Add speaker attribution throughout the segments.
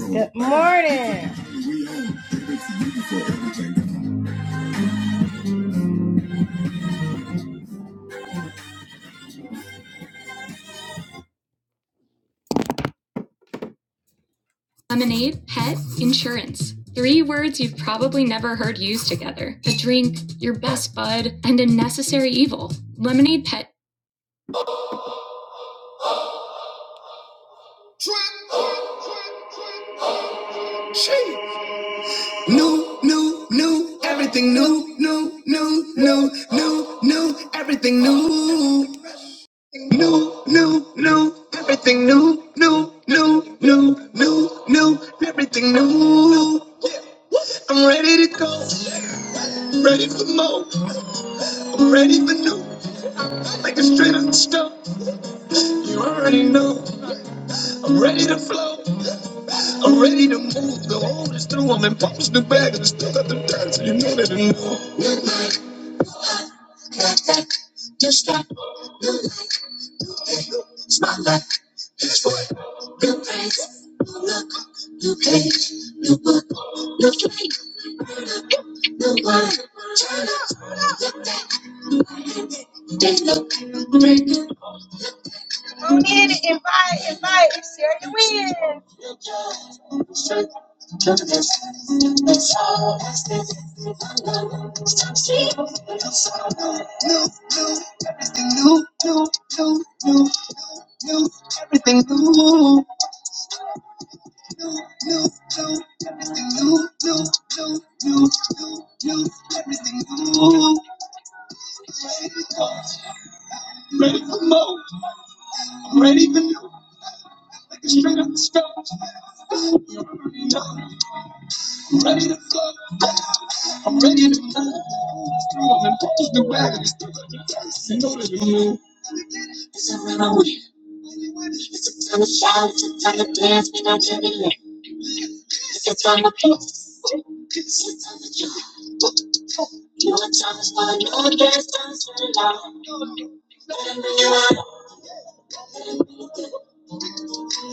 Speaker 1: Good morning. Lemonade, pet, insurance. Three words you've probably never heard used together a drink, your best bud, and a necessary evil. Lemonade Pet. Shame. No, no, no, everything new, no, no, no, no, no, everything new. No, no, no, everything new, no, no, no, no, no, everything new. I'm ready to go, I'm ready for more, I'm ready for new. like a straight on stone. You already know I'm ready to flow. I'm ready to move. The old is through. I'm in post new bags and still got them tags. so You know that I know. New step, smile like new face. New look, new page, new book, new flake, new wine. They look, new joy, new strength. Do this, do this, all as this. Stop seeing, little soul. Everything new, new, new, new. Ready to new, straight on the stone. It's a runaway. Sometimes I shout, sometimes I dance, but do am telling you, it's on the place, it's Sometimes I jump. You are times for no dance, times for love. Remember you are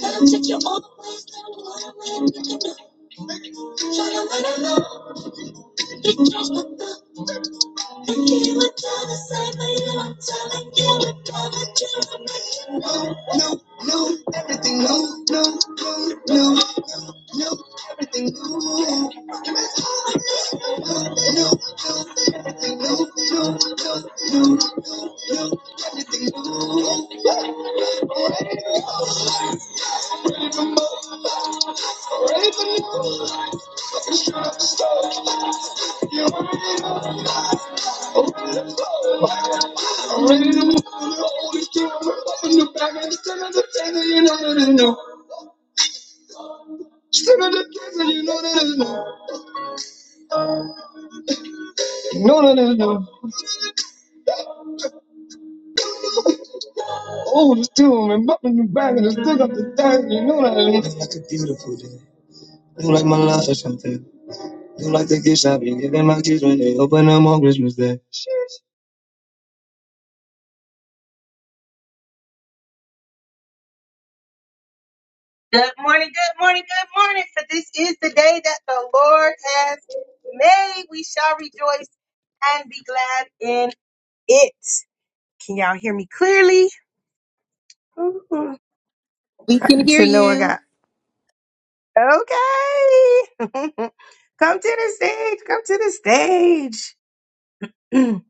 Speaker 1: I'll take you all the way down wanna when you do. Try to run alone, just look back and you would tell the same, but you are telling you. Oh, it's still man, bumping you back and it's still up the thing, you know that. It's such a beautiful day. It's like my life or something. I'm like the gift shop and giving my kids when they open them on Christmas Day. Good morning, good morning, good morning. For this is the day that the Lord has made. We shall rejoice and be glad in it. Can y'all hear me clearly? Mhm.
Speaker 2: We can hear
Speaker 1: To know I
Speaker 2: you.
Speaker 1: got okay. come to the stage. Come to the stage. Mm,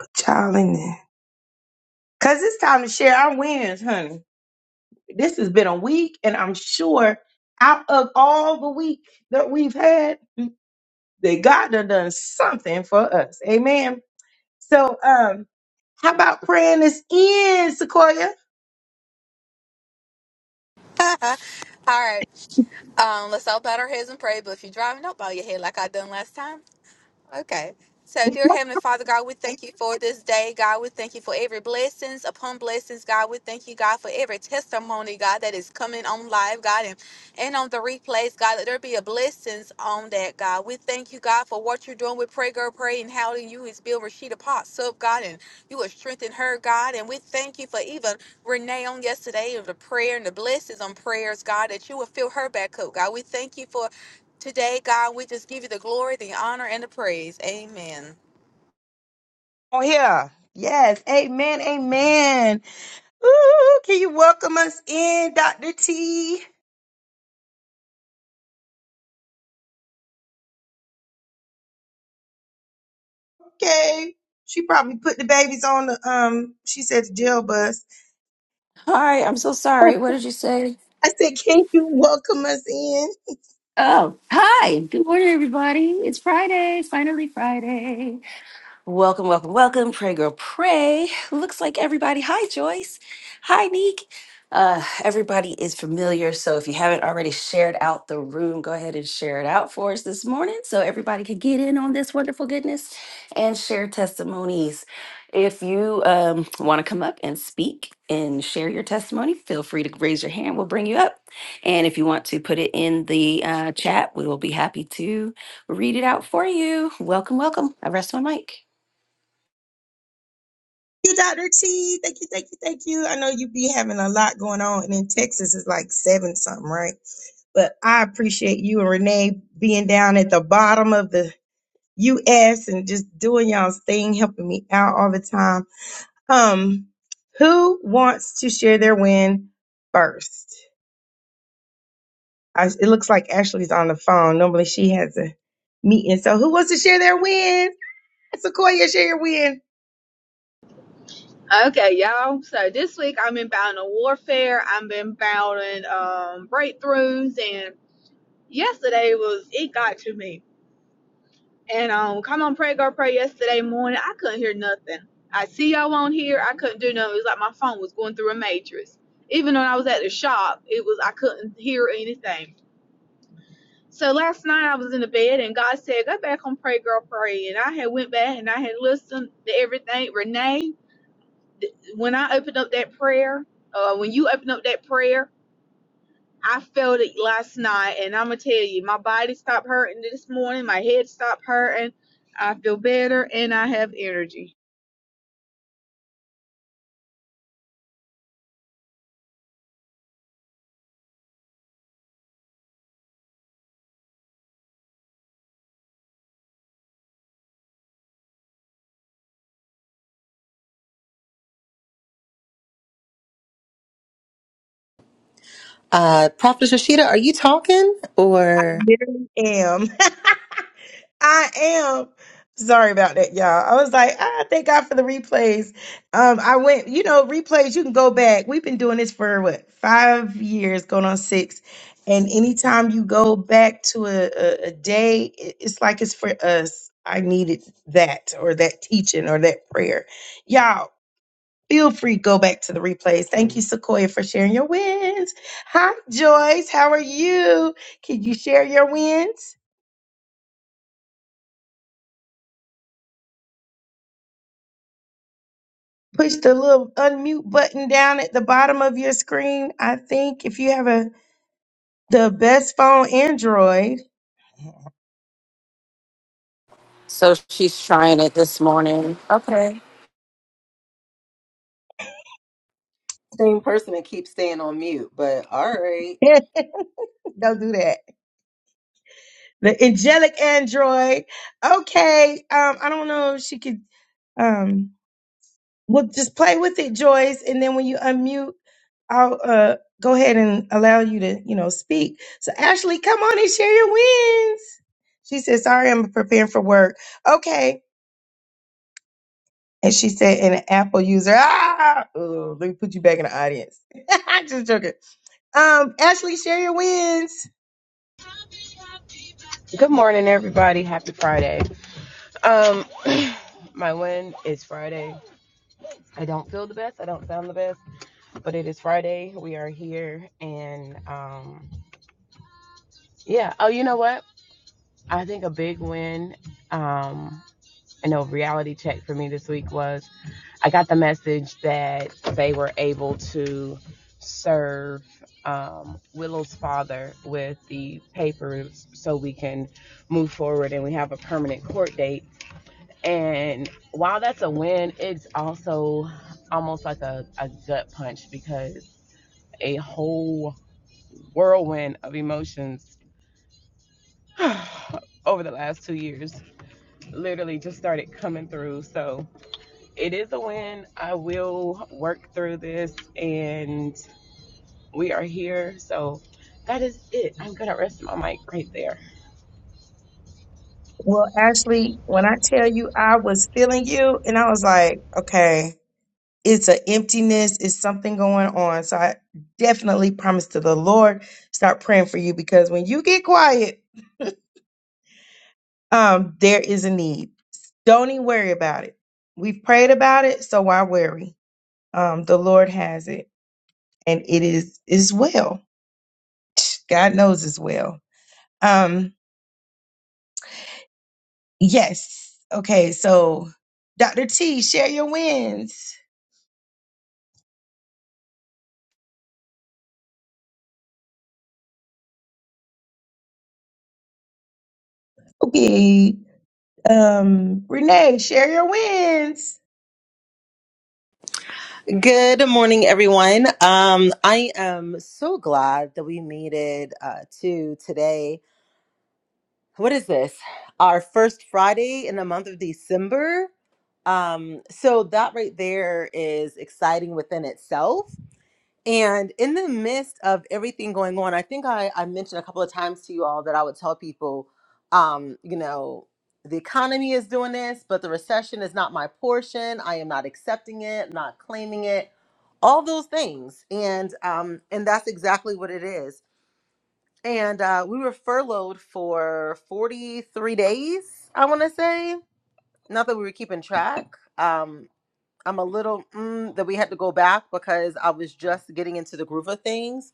Speaker 1: Put y'all in there. Cause it's time to share our wins, honey. This has been a week, and I'm sure out of all the week that we've had, that God done done something for us. Amen. So, um, how about praying this in, Sequoia?
Speaker 3: All right. Um, let's all bow our heads and pray. But if you're driving, don't bow your head like I done last time. Okay. So, dear Heavenly Father, God, we thank you for this day. God, we thank you for every blessings upon blessings. God, we thank you, God, for every testimony, God, that is coming on live, God, and, and on the replays, God, that there be a blessings on that, God. We thank you, God, for what you're doing with Pray Girl Pray and how you is Bill Rashida Potts up, God, and you will strengthen her, God. And we thank you for even Renee on yesterday of the prayer and the blessings on prayers, God, that you will fill her back up, God. We thank you for Today, God, we just give you the glory, the honor, and the praise. Amen.
Speaker 1: Oh yeah. Yes. Amen. Amen. Ooh, can you welcome us in, Dr. T? okay. She probably put the babies on the um. She said the jail bus.
Speaker 4: Hi, I'm so sorry.
Speaker 1: I
Speaker 4: What did you say?
Speaker 1: said, can you welcome us in?
Speaker 4: Oh, hi. Good morning, everybody. It's Friday. Finally, Friday. Welcome, welcome, welcome. Pray, girl, pray. Looks like everybody. Hi, Joyce. Hi, Neek. Uh, everybody is familiar. So if you haven't already shared out the room, go ahead and share it out for us this morning so everybody can get in on this wonderful goodness and share testimonies. If you um, want to come up and speak and share your testimony, feel free to raise your hand. We'll bring you up. And if you want to put it in the uh, chat, we will be happy to read it out for you. Welcome, welcome. I rest my mic.
Speaker 1: you, Dr. T. Thank you, thank you, thank you. I know you be having a lot going on, and in Texas it's like seven something, right? But I appreciate you and Renee being down at the bottom of the U.S. and just doing y'all's thing, helping me out all the time. Um, who wants to share their win first? I, it looks like Ashley's on the phone. Normally she has a meeting. So who wants to share their win? Sequoia, share your win.
Speaker 3: Okay, y'all. So this week I'm inbound on warfare. I'm inbound in um, breakthroughs, and yesterday was it got to me. And um, come on, pray, go pray. Yesterday morning, I couldn't hear nothing. I see y'all on here. I couldn't do nothing. It was like my phone was going through a matrix. Even when I was at the shop, it was I couldn't hear anything. So last night I was in the bed and God said, Go back and pray, girl, pray. And I had went back and I had listened to everything. Renee, when I opened up that prayer, uh, when you opened up that prayer, I felt it last night and I'ma tell you, my body stopped hurting this morning, my head stopped hurting, I feel better and I have energy.
Speaker 2: Uh, Prophet Rashida, are you talking or?
Speaker 1: There I am. I am. Sorry about that, y'all. I was like, ah, thank God for the replays. Um, I went, you know, replays, you can go back. We've been doing this for what, five years, going on six. And anytime you go back to a, a, a day, it- it's like it's for us. I needed that or that teaching or that prayer. Y'all, feel free to go back to the replays. Thank you, Sequoia, for sharing your wins. Hi, Joyce. How are you? Can you share your wins? push the little unmute button down at the bottom of your screen. I think if you have a the best phone Android,
Speaker 4: So she's trying it this morning. Okay.
Speaker 2: Same person that keeps staying on mute, but all right.
Speaker 1: don't do that. The angelic Android. Okay. Um, I don't know if she could um well just play with it, Joyce, and then when you unmute, I'll uh go ahead and allow you to, you know, speak. So Ashley, come on and share your wins. She says, sorry, I'm preparing for work. Okay. And she said, and an Apple user, ah, Ugh, let me put you back in the audience. i just joking. Um, Ashley, share your wins.
Speaker 5: Good morning, everybody. Happy Friday. Um, my win is Friday. I don't feel the best. I don't sound the best, but it is Friday. We are here, and um, yeah. Oh, you know what? I think a big win, um, I know reality check for me this week was I got the message that they were able to serve um, Willow's father with the papers so we can move forward, and we have a permanent court date And while that's a win, it's also almost like a, a gut punch because a whole whirlwind of emotions over the last two years literally just started coming through. So it is a win. I will work through this and we are here. So that is it. I'm going to rest my mic right there.
Speaker 1: Well, Ashley, when I tell you I was feeling you, and I was like, okay, it's an emptiness, it's something going on. So I definitely promise to the Lord, start praying for you because when you get quiet, um, there is a need. Don't even worry about it. We've prayed about it, so why worry? Um, the Lord has it, and it is is well. God knows as well. Um, yes. Okay, so Dr. T, share your wins. Okay. Um, Renee, share your wins.
Speaker 2: Good morning, everyone. Um, I am so glad that we made it uh, to today. What is this? Our first Friday in the month of December. Um, so that right there is exciting within itself. And in the midst of everything going on, I think I, I mentioned a couple of times to you all that I would tell people, um, you know, the economy is doing this, but the recession is not my portion. I am not accepting it, not claiming it, all those things. And um, and that's exactly what it is. And uh, we were furloughed for 43 days, I want to say. Not that we were keeping track. Um, I'm a little mm, that we had to go back because I was just getting into the groove of things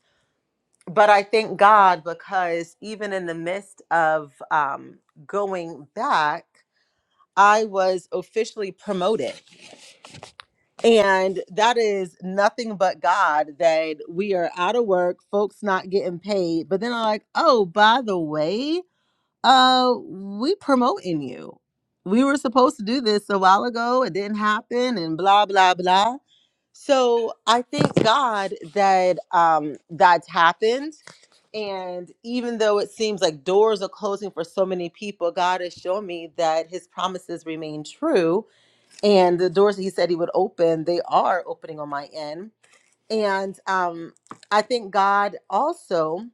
Speaker 2: but I thank God because even in the midst of um, going back, I was officially promoted. And that is nothing but God that we are out of work, folks not getting paid. But then I'm like, oh, by the way, uh, we promoting you. We were supposed to do this a while ago. It didn't happen and blah, blah, blah. So I thank God that um, that's happened and even though it seems like doors are closing for so many people, God has shown me that his promises remain true. And the doors that he said he would open, they are opening on my end. And um, I think God also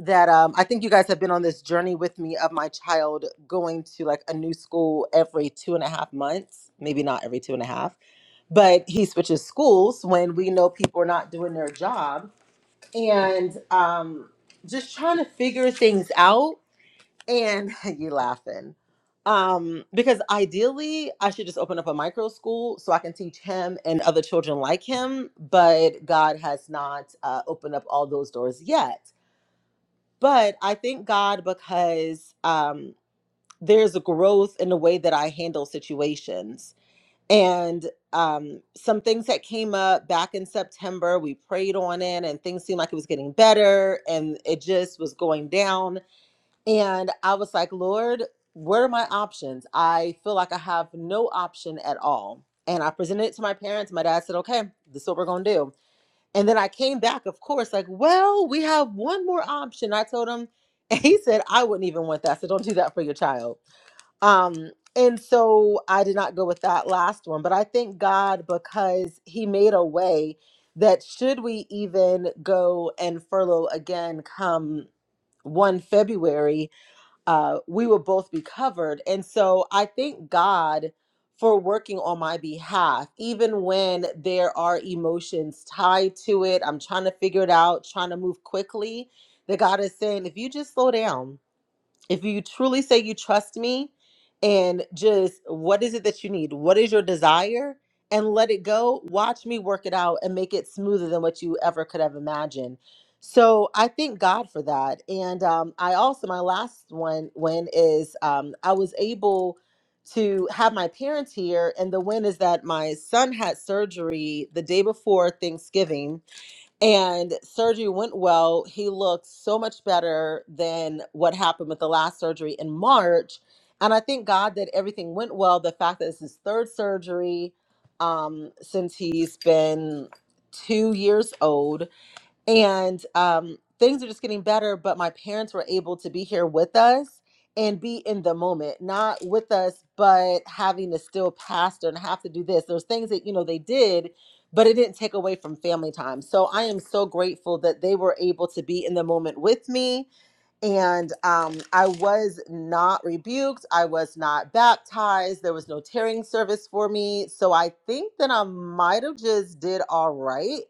Speaker 2: that um, I think you guys have been on this journey with me of my child going to like a new school every two and a half months, maybe not every two and a half, but he switches schools when we know people are not doing their job and um, just trying to figure things out. And you laughing. Um, because ideally, I should just open up a micro school so I can teach him and other children like him. But God has not uh, opened up all those doors yet. But I thank God because um, there's a growth in the way that I handle situations and um, some things that came up back in September, we prayed on it, and things seemed like it was getting better, and it just was going down. And I was like, Lord, what are my options? I feel like I have no option at all. And I presented it to my parents. My dad said, Okay, this is what we're going to do. And then I came back, of course, like, Well, we have one more option. I told him, and he said, I wouldn't even want that. So don't do that for your child. Um, and so I did not go with that last one, but I thank God because He made a way that should we even go and furlough again come 1 February, uh, we will both be covered. And so I thank God for working on my behalf, even when there are emotions tied to it. I'm trying to figure it out, trying to move quickly. That God is saying, if you just slow down, if you truly say you trust me and just what is it that you need what is your desire and let it go watch me work it out and make it smoother than what you ever could have imagined so i thank god for that and um, i also my last one win is um, i was able to have my parents here and the win is that my son had surgery the day before thanksgiving and surgery went well. He looked so much better than what happened with the last surgery in March. And I thank God that everything went well. The fact that it's his third surgery um, since he's been two years old and um, things are just getting better but my parents were able to be here with us and be in the moment not with us but having to still pastor and have to do this there's things that you know they did but it didn't take away from family time so i am so grateful that they were able to be in the moment with me and um, i was not rebuked i was not baptized there was no tearing service for me so i think that i might have just did all right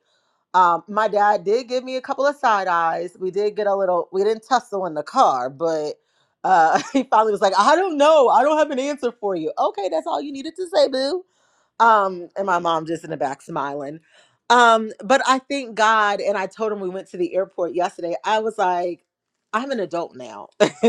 Speaker 2: um, my dad did give me a couple of side eyes. We did get a little, we didn't tussle in the car, but uh, he finally was like, I don't know. I don't have an answer for you. Okay, that's all you needed to say, boo. Um, and my mom just in the back smiling. Um, but I thank God, and I told him we went to the airport yesterday. I was like, I'm an adult now.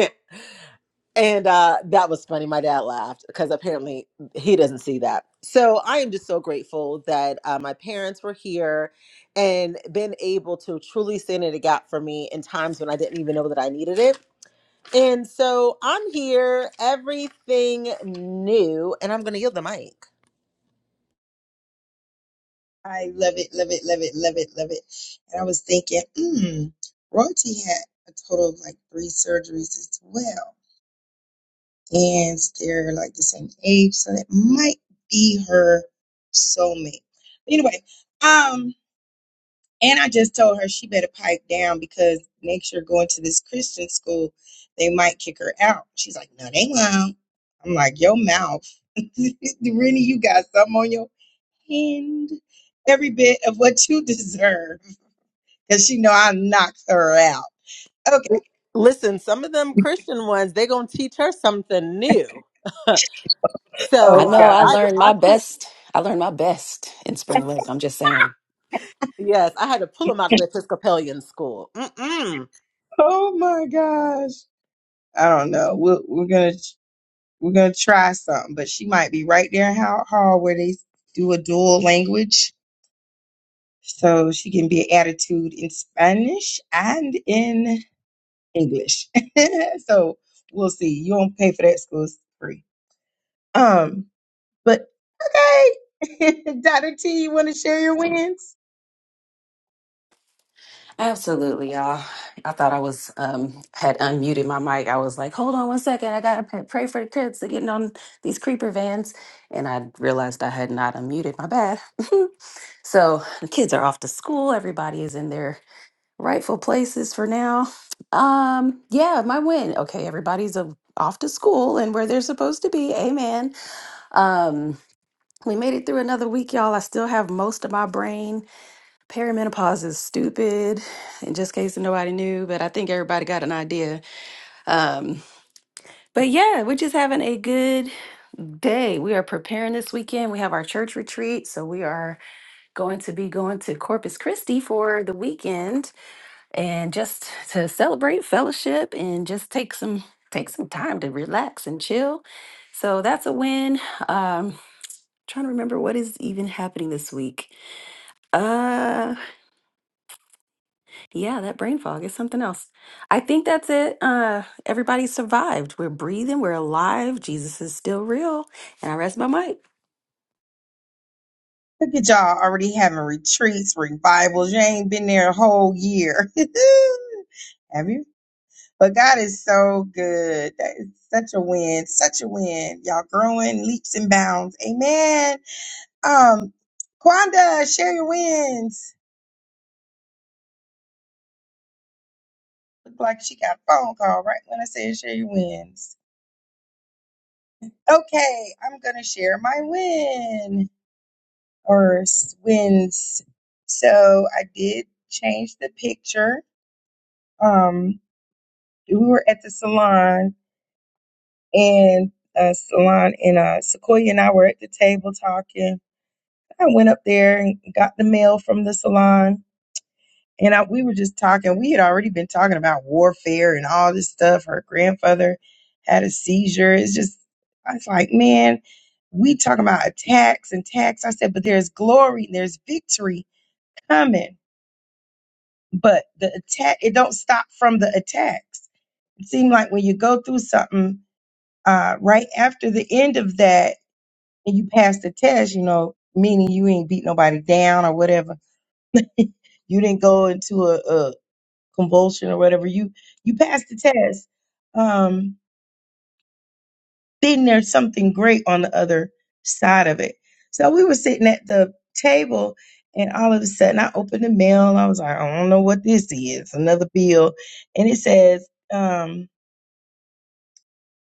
Speaker 2: And uh, that was funny. My dad laughed because apparently he doesn't see that. So I am just so grateful that uh, my parents were here and been able to truly stand in the gap for me in times when I didn't even know that I needed it. And so I'm here, everything new, and I'm going to yield the mic.
Speaker 1: I love it, love it, love it, love it, love it. And I was thinking, hmm, royalty had a total of like three surgeries as well. And they're like the same age, so that might be her soulmate. Anyway, um, And I just told her she better pipe down because next year going to this Christian school, they might kick her out. She's like, no, they won't. I'm like, your mouth. Rennie, you got something on your hand. Every bit of what you deserve. Because she know I knocked her out. Okay.
Speaker 2: L- Listen, some of them Christian ones, they going to teach her something new.
Speaker 4: I
Speaker 2: So
Speaker 1: Oh
Speaker 4: know
Speaker 2: uh,
Speaker 4: I
Speaker 1: God.
Speaker 2: I
Speaker 4: learned
Speaker 2: I
Speaker 4: my
Speaker 2: pull
Speaker 4: best. I learned my best in spring lake. I'm just saying.
Speaker 2: yes, I had to pull him out of the Episcopalian school. Mm-mm.
Speaker 1: Oh my gosh. I don't know. We'll, we're gonna we're gonna try something, but she might be right there in Howard Hall where they do a dual language So she can be an attitude in Spanish and in English. so we'll see. You don't pay for that school it's free. Um, but okay. Dr. T, you want to share your wins?
Speaker 4: Absolutely, y'all. I thought I was um had unmuted my mic. I was like, hold on one second. I gotta pray pray for the kids. They're getting on these creeper vans, and I realized I had not unmuted. My bad. so the kids are off to school. Everybody is in there. rightful places for now. Um, yeah, my win. Okay, everybody's a, off to school and where they're supposed to be. Amen. Um, we made it through another week, y'all. I still have most of my brain. Perimenopause is stupid, in just case nobody knew, but I think everybody got an idea. Um, but yeah, we're just having a good day. We are preparing this weekend. We have our church retreat, so we are going to be going to Corpus Christi for the weekend and just to celebrate fellowship and just take some take some time to relax and chill so that's a win um trying to remember what is even happening this week uh yeah that brain fog is something else i think that's it uh everybody survived we're breathing we're alive jesus is still real and i rest my mic
Speaker 1: Look at y'all already having retreats, revivals. You ain't been there a whole year. Have you? But God is so good. That is such a win, such a win. Y'all growing leaps and bounds. Amen. Um, Quanda Sherry wins. Look like she got a phone call right when I said Sherry wins. Okay, I'm gonna share my win or s- wins. So I did change the picture. Um, we were at the salon and uh, salon and uh, Sequoia and I were at the table talking. I went up there and got the mail from the salon And I, we were just talking. We had already been talking about warfare and all this stuff. Her grandfather had a seizure. It's just, I was like, man, we talking about attacks and attacks. I said, but there's glory and there's victory coming. But the attack, it don't stop from the attacks. It seemed like when you go through something, uh, right after the end of that, and you pass the test, you know, meaning you ain't beat nobody down or whatever you didn't go into a, convulsion or whatever, you you pass the test. Um, then there's something great on the other side of it. So we were sitting at the table, and all of a sudden I opened the mail. and I was like, I don't know what this is. Another bill, and it says, um,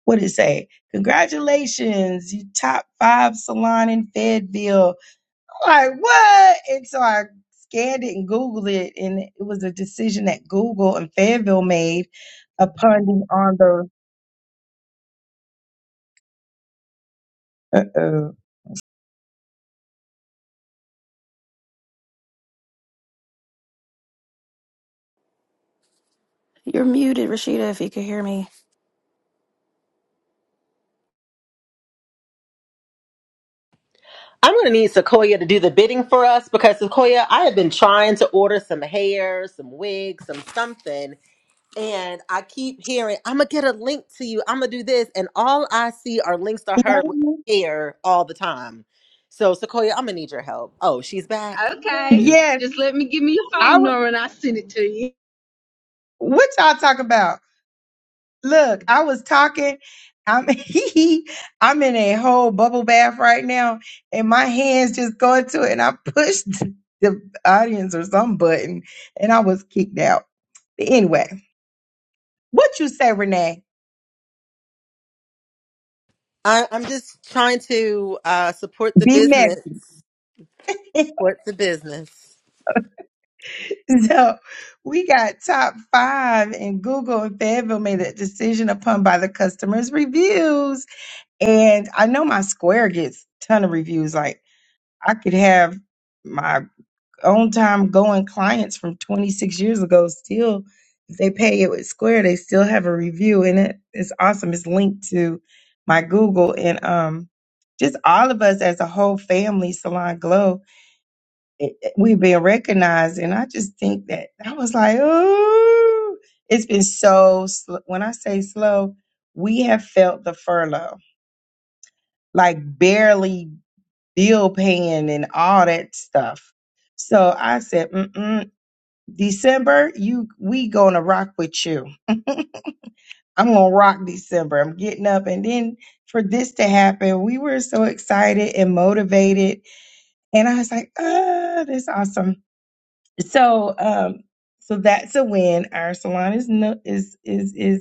Speaker 1: what did it say? Congratulations, you top five salon in Fayetteville. I'm like what? And so I scanned it and Googled it, and it was a decision that Google and Fayetteville made upon the on the Uh-oh.
Speaker 4: you're muted rashida if you could hear me
Speaker 2: I'm gonna need Sequoia to do the bidding for us because Sequoia, I have been trying to order some hair, some wigs, some something, and I keep hearing I'm gonna get a link to you. I'm gonna do this, and all I see are links to
Speaker 1: Can y'all
Speaker 2: her
Speaker 1: hear
Speaker 2: with
Speaker 1: me?
Speaker 2: hair all the time. So Sequoia, I'm gonna need your help. Oh, she's back.
Speaker 3: Okay.
Speaker 2: Oops.
Speaker 1: Yes,
Speaker 3: Just let me give me your
Speaker 1: I
Speaker 3: phone
Speaker 1: w-
Speaker 3: number and I'll send it to you.
Speaker 1: what y'all talk about? Look, I was talking. I'm I'm in a whole bubble bath right now, and my hands just go into it, and I pushed the the audience or some button, and I was kicked out. Anyway, what you say, Renee?
Speaker 2: I, I'm just trying to uh, support the
Speaker 1: Be messy.
Speaker 2: business. Support the business.
Speaker 1: so we got top five, and Google and Fayetteville made that decision upon by the customers' reviews. And I know my square gets ton of reviews. Like I could have my own time going clients from 26 years ago still if they pay it with square they still have a review in it it's awesome it's linked to my google and um just all of us as a whole family salon glow it, it- we've been recognized and i just think that i was like oh it's been so sl- when i say slow we have felt the furlough like barely bill paying and all that stuff. So I said, Mm-mm, December, you we gonna rock with you. I'm gonna rock December. I'm getting up, and then for this to happen, we were so excited and motivated, and I was like, "Ah, that's awesome!" So, um, so that's a win. Our salon is no, is is is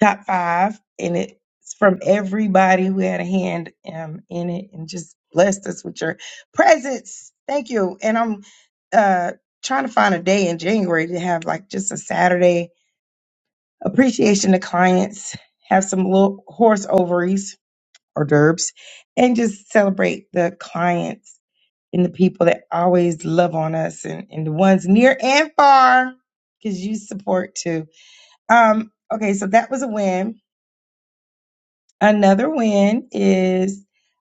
Speaker 1: top five, and it's from everybody who had a hand um, in it and just blessed us with your presence. Thank you. And I'm uh, trying to find a day in January to have like just a Saturday appreciation to clients, have some little horse ovaries or derbs, and just celebrate the clients and the people that always love on us and, and the ones near and far because you support too. Um, okay, so that was a win Another win is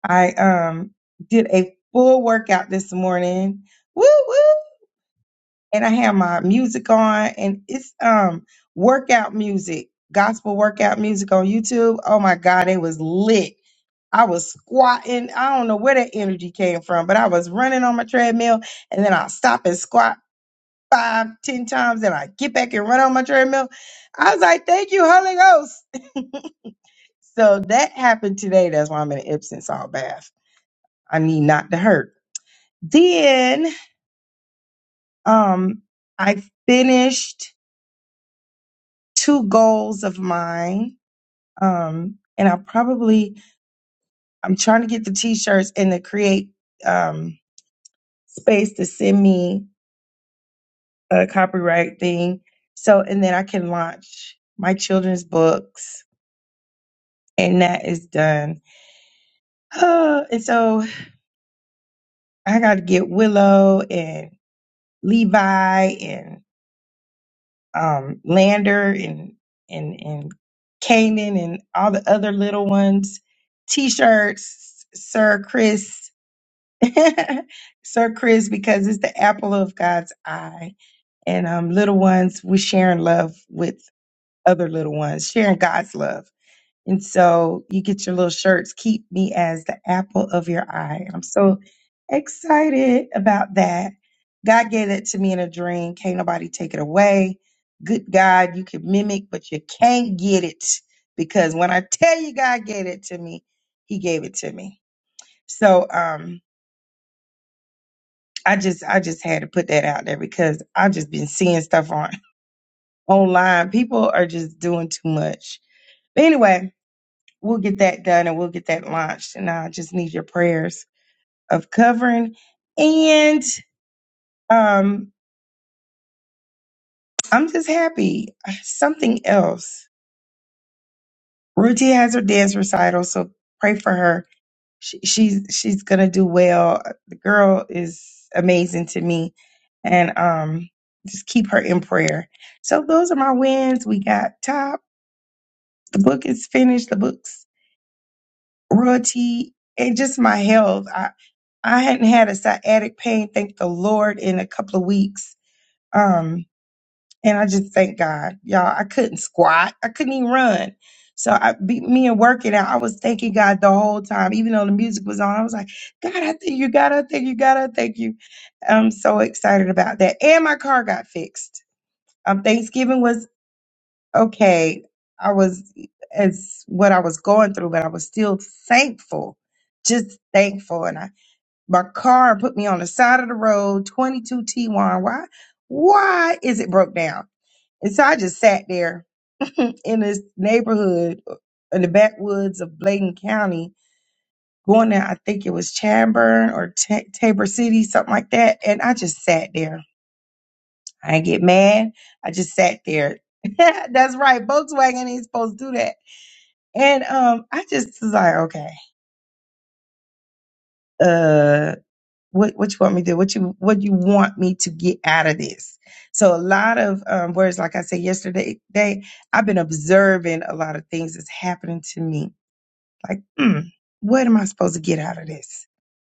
Speaker 1: I um did a full workout this morning. Woo woo! And I had my music on and it's um workout music, gospel workout music on YouTube. Oh my god, it was lit. I was squatting. I don't know where that energy came from, but I was running on my treadmill and then I'll stop and squat five, ten times and I get back and run on my treadmill. I was like, thank you, Holy Ghost. So that happened today. That's why I'm in an Epsom salt bath. I need not to hurt. Then um, I finished two goals of mine, um, and I probably I'm trying to get the t-shirts and to create um, space to send me a copyright thing. So and then I can launch my children's books, and that is done. and so I got to get Willow and Levi and. um, Lander and and and Kanan and all the other little ones, T-shirts, Sir Chris, Sir Chris, because it's the apple of God's eye, and um, little ones, we're sharing love with other little ones, sharing God's love and so you get your little shirts. Keep me as the apple of your eye. I'm so excited about that. God gave it to me in a dream. Can't nobody take it away. Good God, you can mimic, but you can't get it because when I tell you God gave it to me, He gave it to me. So um, I just I just had to put that out there because I've just been seeing stuff on online. People are just doing too much. But anyway, we'll get that done and we'll get that launched. And I just need your prayers of covering. And um, I'm just happy. Something else. Ruti has her dance recital, so pray for her. She, she's she's gonna do well. The girl is amazing to me, and um, just keep her in prayer. So those are my wins. We got top. The book is finished. The books royalty and just my health. I hadn't had a sciatic pain, thank the Lord, in a couple of weeks. Um, and I just thank God, y'all. I couldn't squat, I couldn't even run. So I, be, me and working out, I was thanking God the whole time, even though the music was on. I was like, God, I thank you, God, I thank you, God, I thank you. I'm so excited about that. And my car got fixed. Um, Thanksgiving was okay. I was as what I was going through, but I was still thankful, just thankful. And I my car and put me on the side of the road, 22 T1. Why? Why is it broke down? And so I just sat there in this neighborhood uh, in the backwoods of Bladen County, going down, I think it was Chadburn or Ta Tabor City, something like that. And I just sat there. I didn't get mad. I just sat there. That's right. Volkswagen ain't supposed to do that. And um, I just was like, okay, uh, what what you want me to do what you what you want me to get out of this so a lot of um words like i said yesterday day i've been observing a lot of things that's happening to me like mm, what am i supposed to get out of this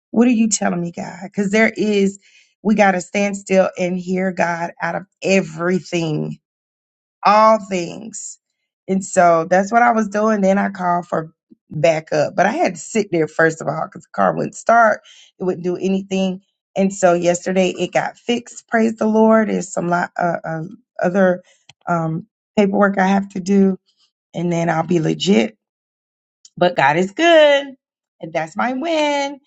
Speaker 1: what are you telling me god because there is we got to stand still and hear god out of everything all things. And so that's what I was doing. Then I called for backup, but I had to sit there first of all because the car wouldn't start, it wouldn't do anything. And so yesterday it got fixed. Praise the Lord. There's some lot, uh, uh, other um, paperwork I have to do, and then I'll be legit. But God is good, and that's my win.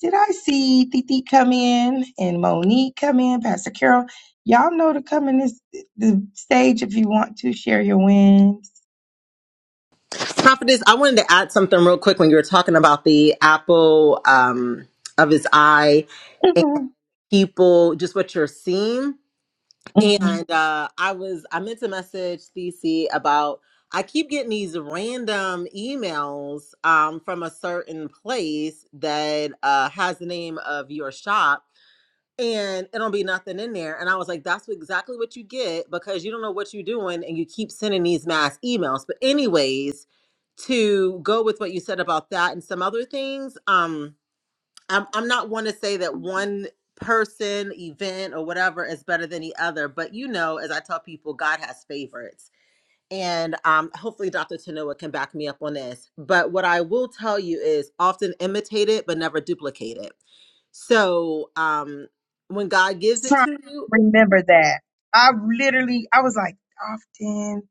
Speaker 1: Did I see Titi come in and Monique come in, Pastor Carol? Y'all know to come in this the stage if you want to share your wins.
Speaker 2: Prophetess, I wanted to add something real quick when you were talking about the apple um, of his eye and
Speaker 1: hmm
Speaker 2: people, just what you're seeing.
Speaker 1: hmm
Speaker 2: And uh, I was, I meant to message CC about, I keep getting these random emails um, from a certain place that uh, has the name of your shop and it'll be nothing in there. And I was like, that's exactly what you get because you don't know what you're doing and you keep sending these mass emails. But anyways, to go with what you said about that and some other things, um, I'm I'm not one to say that one person, event, or whatever is better than the other, but you know, as I tell people, God has favorites and um, hopefully Dr. Tanoa can back me up on this. But what I will tell you is often imitate it, but never duplicate it. So um, when God gives it
Speaker 1: Trying
Speaker 2: to
Speaker 1: to
Speaker 2: you,
Speaker 1: remember that. I literally, I was like, often.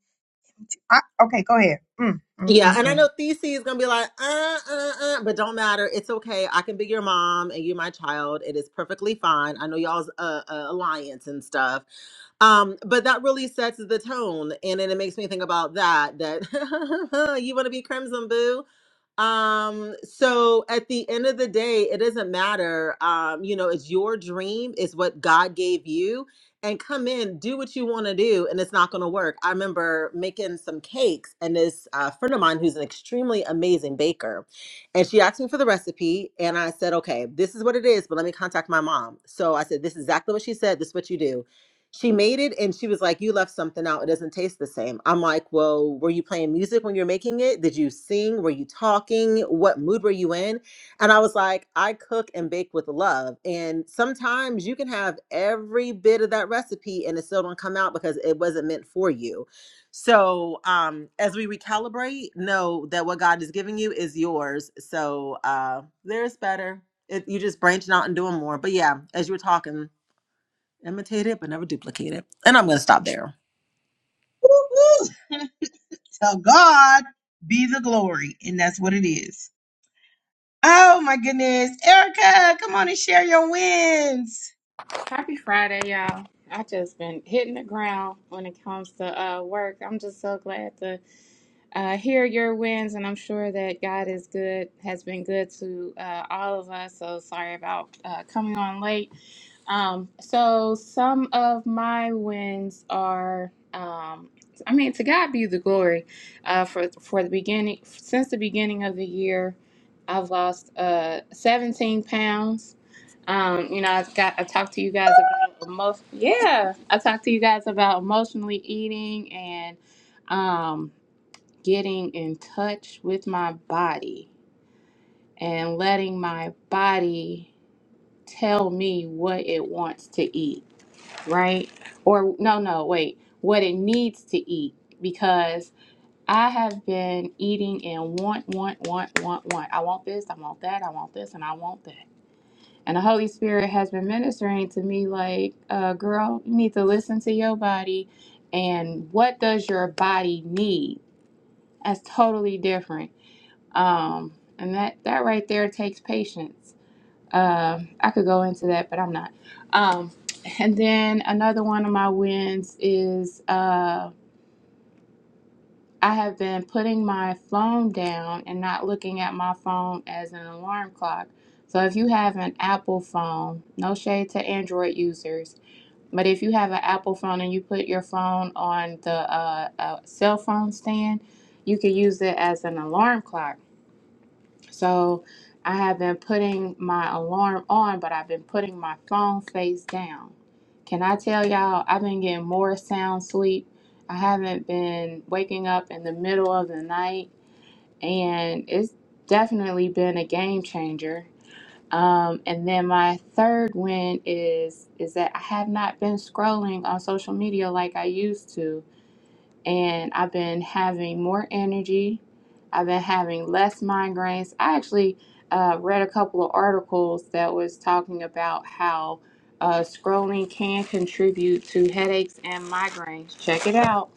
Speaker 1: I, okay, go ahead. Mm, mm,
Speaker 2: yeah,
Speaker 1: mm,
Speaker 2: and I
Speaker 1: mm.
Speaker 2: know Thesey is gonna be like, uh, uh, uh, but don't matter. It's okay. I can be your mom and you my child. It is perfectly fine. I know y'all's uh, uh, alliance and stuff um but that really sets the tone and then it makes me think about that that you want to be crimson boo um so at the end of the day it doesn't matter um you know it's your dream it's what god gave you and come in do what you want to do and it's not going to work i remember making some cakes and this uh, friend of mine who's an extremely amazing baker and she asked me for the recipe and i said okay this is what it is but let me contact my mom so i said this is exactly what she said this is what you do she made it and she was like, You left something out. It doesn't taste the same. I'm like, Well, were you playing music when you're making it? Did you sing? Were you talking? What mood were you in? And I was like, I cook and bake with love. And sometimes you can have every bit of that recipe and it still don't come out because it wasn't meant for you. So um as we recalibrate, know that what God is giving you is yours. So uh there's better. It, you just branching out and doing more. But yeah, as you were talking. Imitate it, but never duplicate it. And I'm going to stop there.
Speaker 1: Woo, woo. So God be the glory, and that's what it is. Oh my goodness, Erica, come on and share your wins.
Speaker 6: Happy Friday, y'all. I just been hitting the ground when it comes to uh, work. I'm just so glad to uh, hear your wins, and I'm sure that God is good, has been good to uh, all of us. So sorry about uh, coming on late. Um, so some of my wins are, um, I mean, to God be the glory. Uh, for for the beginning, since the beginning of the year, I've lost uh 17 pounds. Um, you know, I've got I talked to you guys about emo- yeah, I talked to you guys about emotionally eating and um getting in touch with my body and letting my body tell me what it wants to eat right? Or no, no, wait, what it needs to eat because I have been eating and want, want, want, want, want. I want this, I want that, I want this, and I want that. And the Holy Spirit has been ministering to me like, uh, girl, you need to listen to your body and what does your body need? That's totally different. Um, and that, that right there takes patience. Um, I could go into that, but I'm not. Um, and then another one of my wins is uh, I have been putting my phone down and not looking at my phone as an alarm clock. So if you have an Apple phone, no shade to Android users, but if you have an Apple phone and you put your phone on the uh, uh, cell phone stand, you can use it as an alarm clock so I have been putting my alarm on, but I've been putting my phone face down. Can I tell y'all, I've been getting more sound sleep. I haven't been waking up in the middle of the night, and it's definitely been a game changer. Um, and then my third win is is that I have not been scrolling on social media like I used to and I've been having more energy. I've been having less migraines. I actually uh, read a couple of articles that was talking about how uh, scrolling can contribute to headaches and migraines. Check it out.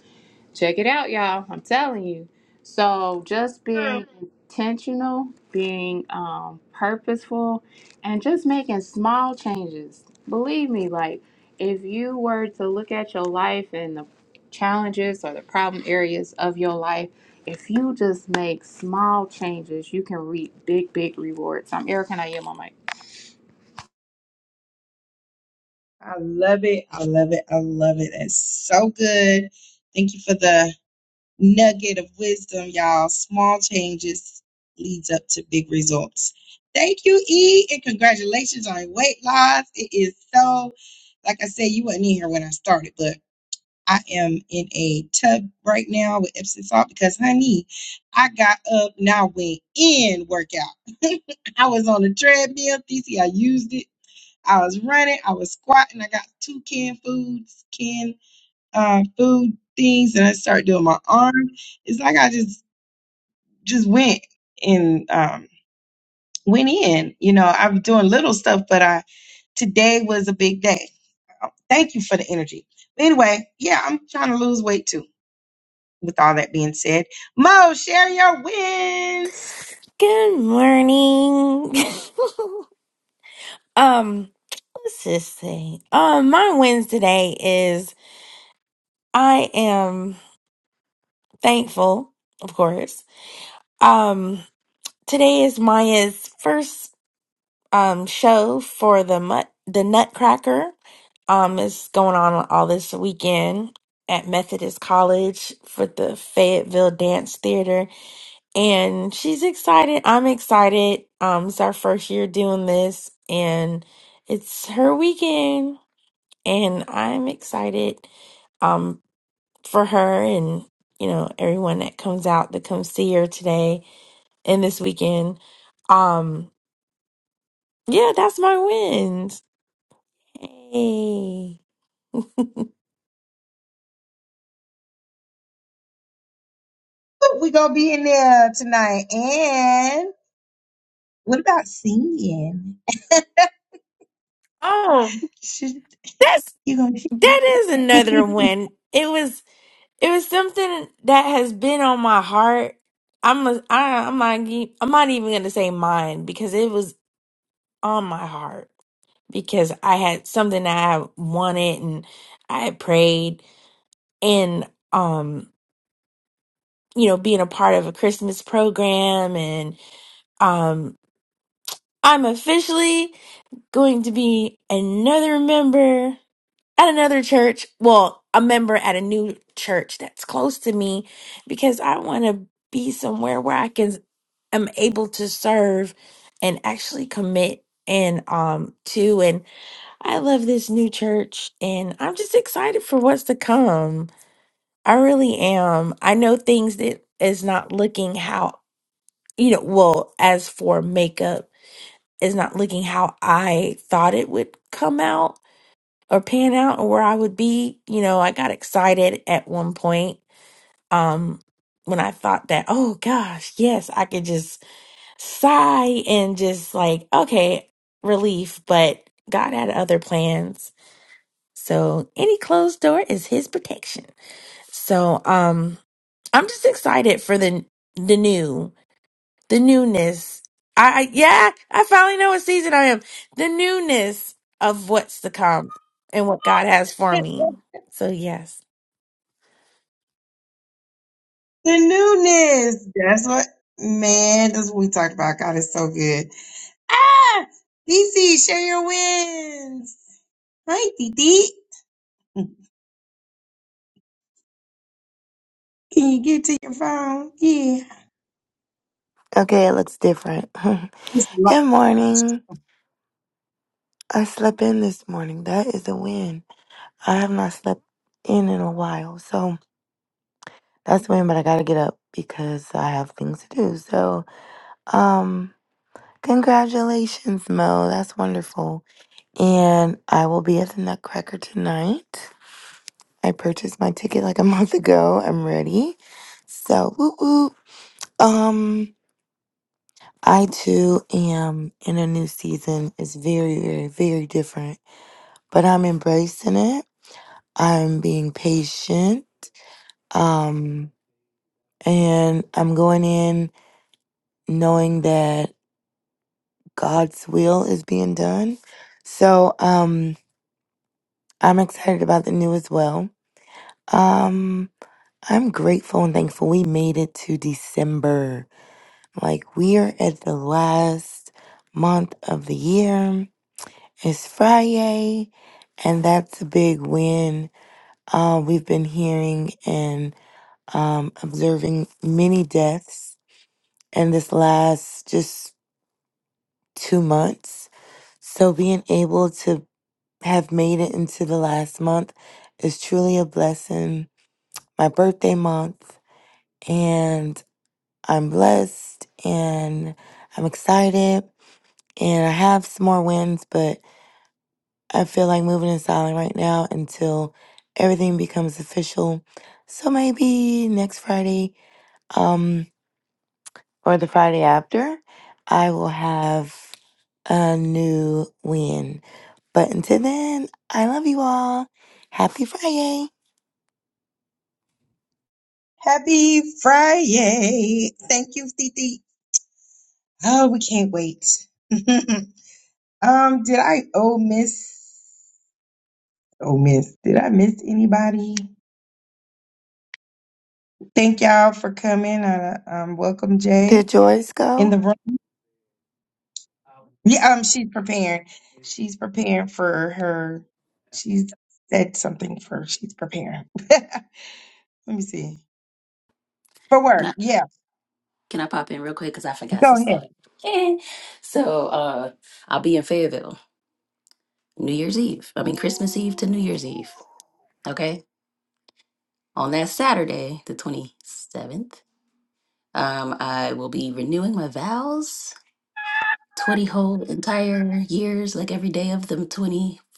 Speaker 6: Check it out, y'all. I'm telling you. So just
Speaker 1: True.
Speaker 6: being intentional, being um, purposeful, and just making small changes. Believe me, like if you were to look at your life and the challenges or the problem areas of your life, if you just make small changes, you can reap big, big rewards. I'm Erica and I am on mic.
Speaker 1: I love it. I love it. I love it. It's so good. Thank you for the nugget of wisdom, y'all. Small changes leads up to big results. Thank you, E, and congratulations on your weight loss. It is so, like I said, you wasn't in here when I started, but I am in a tub right now with Epsom salt because, honey, I got up and I went in workout. I was on the treadmill. You see, I used it. I was running. I was squatting. I got two canned foods, canned uh, food things, and I started doing my arm it's like I just just went and um, went in. You know, I'm doing little stuff, but I today was a big day. Thank you for the energy. But anyway, yeah, I'm trying to lose weight too. With all that being said, Mo, share your wins.
Speaker 7: Good morning. um, what's this thing? Um, my wins today is I am thankful, of course. Um, today is Maya's first um show for the mut- the Nutcracker. Um, it's going on all this weekend at Methodist College for the Fayetteville Dance Theater and she's excited. I'm excited. Um, it's our first year doing this, and it's her weekend, and I'm excited. Um, for her and you know everyone that comes out to come see her today and this weekend. Um, yeah, that's my wins. Hey.
Speaker 1: Woo, We gonna be in there tonight. And what about singing?
Speaker 7: Oh,
Speaker 1: Should,
Speaker 7: That's
Speaker 1: you gonna
Speaker 7: that is another
Speaker 1: the
Speaker 7: win. It was It was something that has been on my heart. I'm a, I, I'm not ge- I'm not even gonna say mine because it was on my heart because I had something that I wanted and I had prayed and um you know being a part of a Christmas program and um I'm officially going to be another member at another church. Well, a member at a new church that's close to me because I want to be somewhere where I can am able to serve and actually commit and um to and I love this new church and I'm just excited for what's to come. I really am. I know things that is not looking how you know, well, as for makeup is not looking how I thought it would come out or pan out or where I would be. You know, I got excited at one point. Um when I thought that, oh gosh, yes, I could just sigh and just like, okay, relief, but God had other plans. So any closed door is his protection. So um I'm just excited for the the new, the newness. I, I yeah, I finally know what season I am. The newness of what's to come and what God has for me. So yes.
Speaker 1: newness? That's what man. That's what we talked about. God is so good. Ah! DC, share your wins. Hi, DD. Can you get to your phone? Yeah.
Speaker 8: Okay, it looks different.
Speaker 1: It's locked.
Speaker 8: Good morning. I slept in this morning. That is a win. I have not slept in in a while, so that's a win. But I gotta get up because I have things to do. So, um, congratulations, Mo. That's wonderful. And I will be at the Nutcracker tonight. I purchased my ticket like a month ago. I'm ready. So, woo woo. Um, I too am in a new season. It's very, very, very different but I'm embracing it. I'm being patient. Um, and I'm going in knowing that God's will is being done. So, um, I'm excited about the new as well. Um, I'm grateful and thankful we made it to December. Like, we are at the last month of the year. It's Friday, and that's a big win. Uh, we've been hearing and um, observing many deaths in this last just two months. So being able to have made it into the last month is truly a blessing. My birthday month, and I'm blessed and I'm excited. And I have some more wins, but I feel like moving in silent right now until everything becomes official. So maybe next Friday. Um, or the Friday after, I will have a new win. But until then, I love you all. Happy Friday.
Speaker 1: Happy Friday. Thank you, Titi. Oh, we can't wait. um, did I oh miss oh miss. Did I miss anybody? Thank y'all for coming. Uh, um, welcome
Speaker 8: Did
Speaker 1: Jay
Speaker 8: Joyce
Speaker 1: in
Speaker 8: go?
Speaker 1: the room. Yeah, um, she's preparing. She's preparing for her. She's said something for. She's preparing. Let me see. For
Speaker 4: Can
Speaker 1: work.
Speaker 4: I
Speaker 1: Yeah.
Speaker 4: can I pop in real quick because I forgot
Speaker 1: Go
Speaker 4: some
Speaker 1: ahead.
Speaker 4: stuff. Eh. so uh, I'll be in Fayetteville. New Year's Eve. I mean, Christmas Eve to New
Speaker 8: Ooh.
Speaker 4: Year's Eve. Okay. On that Saturday, the 27th, um, I will be renewing my vows 20 whole entire years, like every day of the 22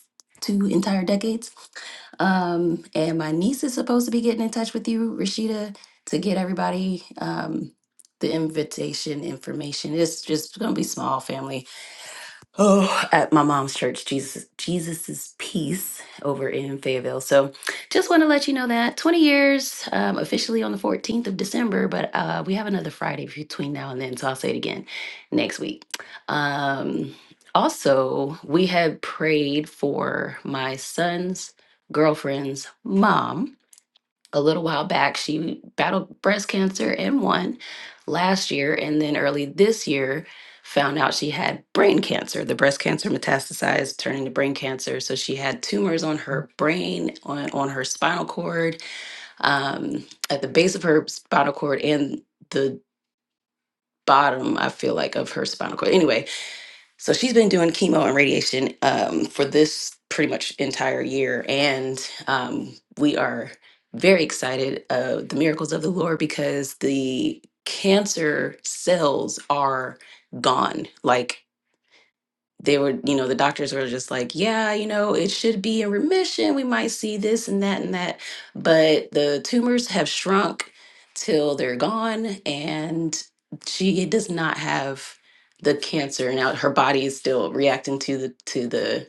Speaker 4: entire decades. Um, and my niece is supposed to be getting in touch with you, Rashida, to get everybody um, the invitation information. It's just going to be small family. oh at my mom's church jesus jesus's peace over in fayetteville so just want to let you know that 20 years um, officially on the 14th of december but uh, we have another friday between now and then so i'll say it again next week um, also we have prayed for my son's girlfriend's mom a little while back. She battled breast cancer and won last year, and then early this year found out she had brain cancer. The breast cancer metastasized, turning to brain cancer. So she had tumors on her brain, on, on her spinal cord, um, at the base of her spinal cord, and the bottom, I feel like, of her spinal cord. Anyway, so she's been doing chemo and radiation um, for this pretty much entire year, and um, we are very excited of the miracles of the Lord because the cancer cells are gone. Like they were, you know, the doctors were just like, yeah, you know, it should be in remission. We might see this and that and that. But the tumors have shrunk till they're gone. And she does not have the cancer. Now her body is still reacting to the to the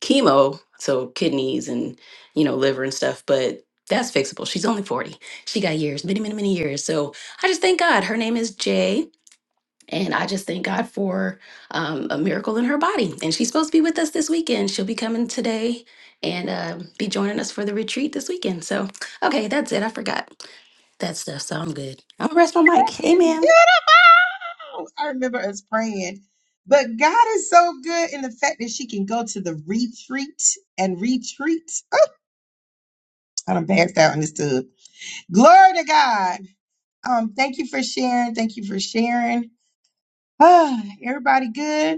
Speaker 4: chemo, so kidneys and, you know, liver and stuff, but that's fixable. She's only 40. She got years, many, many, many years. So I just thank God. Her name is Jay and I just thank God for um, a miracle in her body. And she's supposed to be with us this weekend. She'll be coming today and uh, be joining us for the retreat this weekend. So, okay, that's it. I forgot that stuff. So I'm good. I'm going to rest my mic.
Speaker 1: That is
Speaker 4: Amen.
Speaker 1: beautiful. I remember us praying. But God is so good in the fact that she can go to the retreat and retreat. Oh, I done passed out in this tub. Glory to God. Um, thank you for sharing. Thank you for sharing. Ah, everybody good?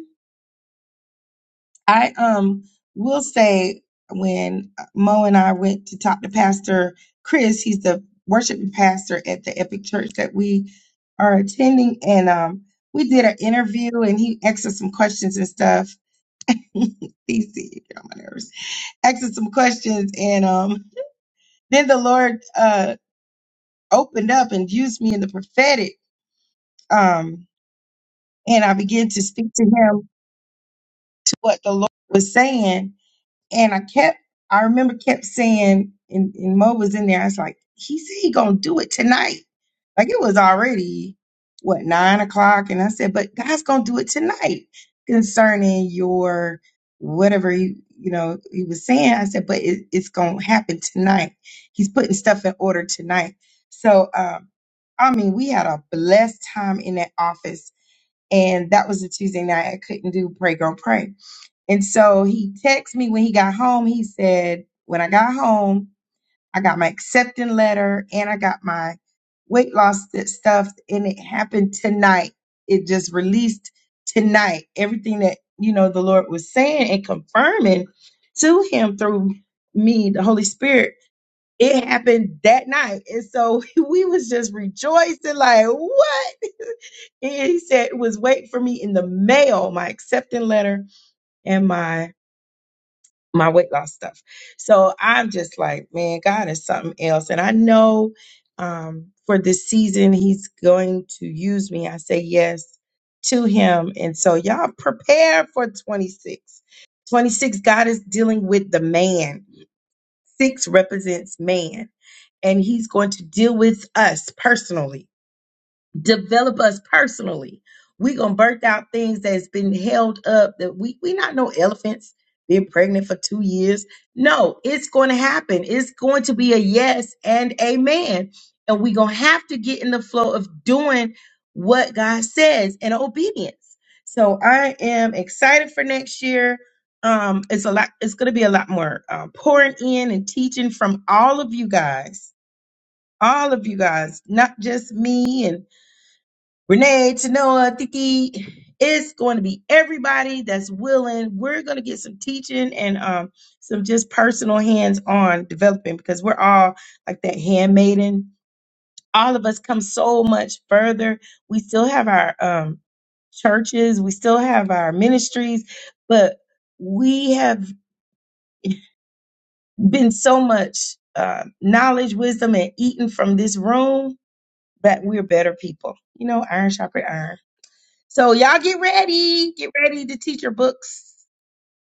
Speaker 1: I um will say when Mo and I went to talk to Pastor Chris, he's the worship pastor at the Epic Church that we are attending, and um we did an interview and he asked us some questions and stuff. He said, "Get on my nerves. Asked us some questions and um then the Lord uh opened up and used me in the prophetic um and I began to speak to him to what the Lord was saying And I kept, I remember kept saying, and, and Mo was in there. I was like, he said he gonna do it tonight. Like it was already what nine o'clock, and I said, but God's gonna do it tonight concerning your whatever he, you know he was saying. I said, but it, it's gonna happen tonight. He's putting stuff in order tonight. So um, I mean, we had a blessed time in that office, and that was a Tuesday night. I couldn't do pray girl pray. And so he texted me when he got home. He said, When I got home, I got my accepting letter and I got my weight loss st- stuff. And it happened tonight. It just released tonight. Everything that, you know, the Lord was saying and confirming to him through me, the Holy Spirit, it happened that night. And so we was just rejoicing, like, what? And he said it was waiting for me in the mail, my accepting letter and my my weight loss stuff. So I'm just like, man, God is something else. And I know um, for this season, He's going to use me. I say yes to Him. And so y'all prepare for 26. 26, God is dealing with the man. Six represents man, and He's going to deal with us personally develop us personally. we gonna birth out things that's been held up that we we not no elephants being pregnant for two years. No, it's gonna happen. It's going to be a yes and amen. And we gonna have to get in the flow of doing what God says and obedience. So I am excited for next year. Um, it's a lot, it's gonna be a lot more uh, pouring in and teaching from all of you guys, all of you guys, not just me and Renee, Tanoa, Tiki. It's going to be everybody that's willing. We're going to get some teaching and um, some just personal hands on development because we're all like that handmaiden. All of us come so much further. We still have our um, churches, we still have our ministries, but we have been so much uh, knowledge, wisdom, and eaten from this room that we're better people. You know, iron sharpens iron. So y'all get ready. Get ready to teach your books.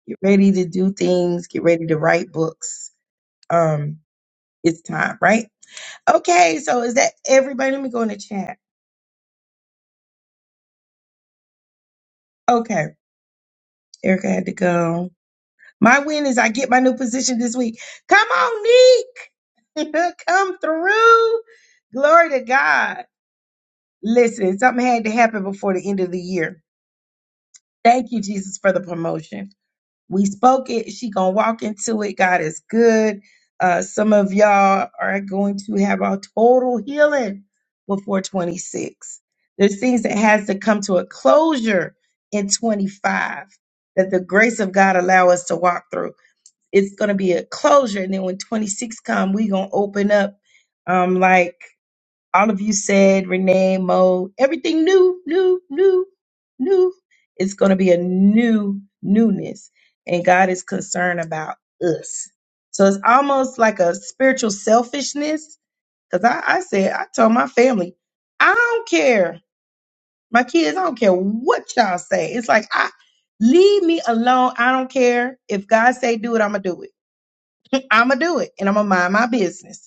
Speaker 1: Get ready to do things. Get ready to write books. Um, it's time, right? Okay, so is that everybody? Let me go in the chat. Okay, Erica had to go. My win is I get my new position this week. Come on, Neek. come through. Glory to God. Listen, something had to happen before the end of the year. Thank you, Jesus, for the promotion. we spoke it she gonna walk into it god is good uh some of y'all are going to have a total healing before 26 there's things that has to come to a closure in 25 that the grace of god allow us to walk through it's gonna be a closure and then when 26 come we gonna open up um like all of you said, Renee, Mo, everything new, new, new, new. It's going to be a new newness. And God is concerned about us. So it's almost like a spiritual selfishness. Because I, I said, I told my family, I don't care. My kids, I don't care what y'all say. It's like, I leave me alone. I don't care. If God say do it, I'm going to do it. I'm going to do it. And I'm going to mind my business.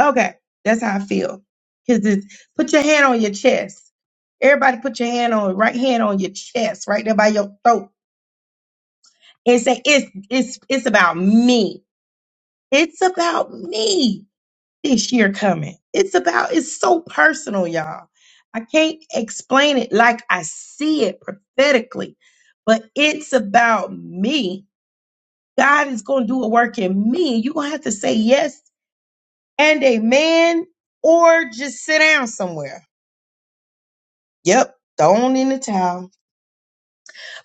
Speaker 1: Okay, that's how I feel. Cause it's put your hand on your chest. Everybody, put your hand on right hand on your chest, right there by your throat, and say it's it's it's about me. It's about me this year coming. It's about it's so personal, y'all. I can't explain it like I see it prophetically, but it's about me. God is gonna do a work in me. You're gonna have to say yes and amen, or just sit down somewhere Yep, thrown in the towel.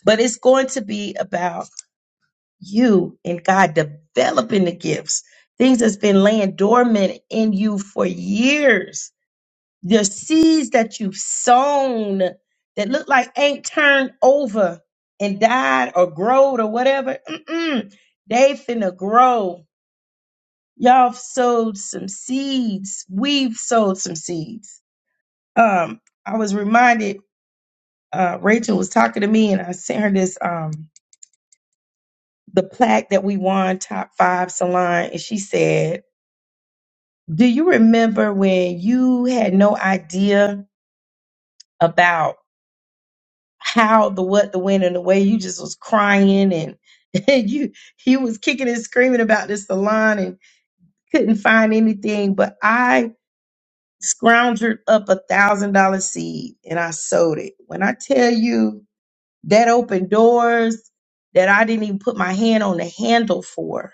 Speaker 1: But it's going to be about you and God developing the gifts, things that's been laying dormant in you for years. The seeds that you've sown that look like ain't turned over and died or growed or whatever, mm-mm, they finna grow. Y'all sowed some seeds. We've sowed some seeds. Um, I was reminded uh, Rachel was talking to me, and I sent her this. Um, the plaque that we won top five salon and she said do you remember when you had no idea about how the what the when and the way you just was crying and, and you you was kicking and screaming about this salon and couldn't find anything but i scrounged up a thousand dollar seed and i sowed it when i tell you that opened doors that i didn't even put my hand on the handle for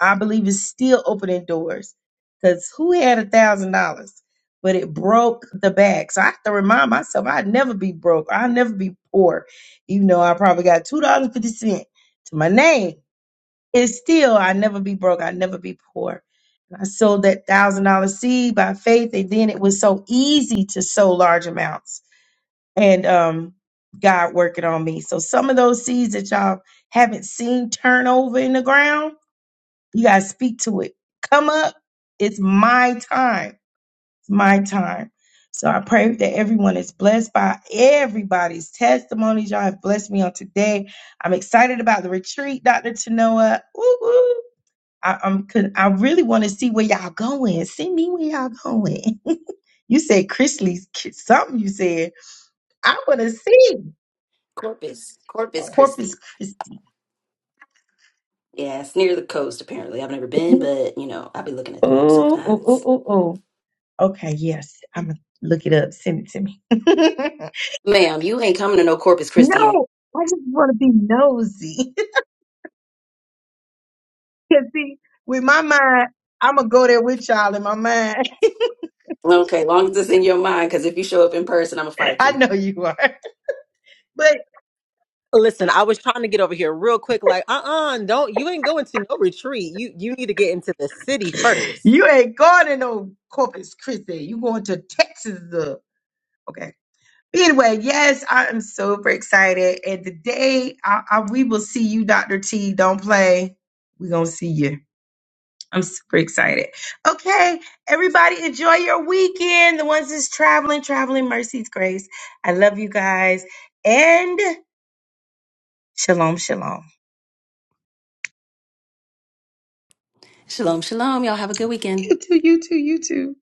Speaker 1: I believe it's still opening doors because who had a thousand dollars, but it broke the back. So I have to remind myself I'd never be broke. I'll never be poor, even though I probably got two dollars and fifty cent to my name. It's still I never be broke. I never be poor. And I sold that thousand dollar seed by faith, and then it was so easy to sow large amounts. And um, God working on me. So some of those seeds that y'all haven't seen turn over in the ground you got to speak to it. Come up. It's my time. It's my time. So I pray that everyone is blessed by everybody's testimonies. Y'all have blessed me on today. I'm excited about the retreat, Dr. Tanoa. Woo woo. I, I'm, con- I really want to see where y'all going. Send me where y'all going. you said Chrisley, something you said. I want to see
Speaker 4: Corpus, Corpus
Speaker 1: Corpus
Speaker 4: Christi.
Speaker 1: Christi.
Speaker 4: Yeah, it's near the coast, apparently. I've never been,
Speaker 1: Ooh,
Speaker 4: but, you know, I'll be looking at the map
Speaker 1: ooh, ooh,
Speaker 4: sometimes.
Speaker 1: ooh, ooh. Okay, yes. I'm gonna look it up. Send it to me. no,
Speaker 4: Ma'am, you ain't coming to no Corpus Christi. in-
Speaker 1: I just want to be nosy. Cause see, with my mind, I'm gonna go there with y'all in my mind.
Speaker 4: Okay, long as it's in your mind, because if you show up in person, I'm going to fight
Speaker 1: I
Speaker 4: you.
Speaker 1: know you are, but
Speaker 2: Listen, I was trying to get over here real quick, like, uh uh do not you ain't going to no retreat. You you need to get into the city first.
Speaker 1: you ain't going to no Corpus Christi. You going to Texas? uh, Okay. Anyway, yes, I am super excited. And the day I, I, we will see you, Doctor T. Don't play. We gonna see you. I'm super excited. Okay, everybody, enjoy your weekend. The ones that's traveling, traveling, Mercy's grace. I love you guys. And shalom, shalom.
Speaker 4: Shalom, shalom. Y'all have a good weekend.
Speaker 1: You too, you too, you too.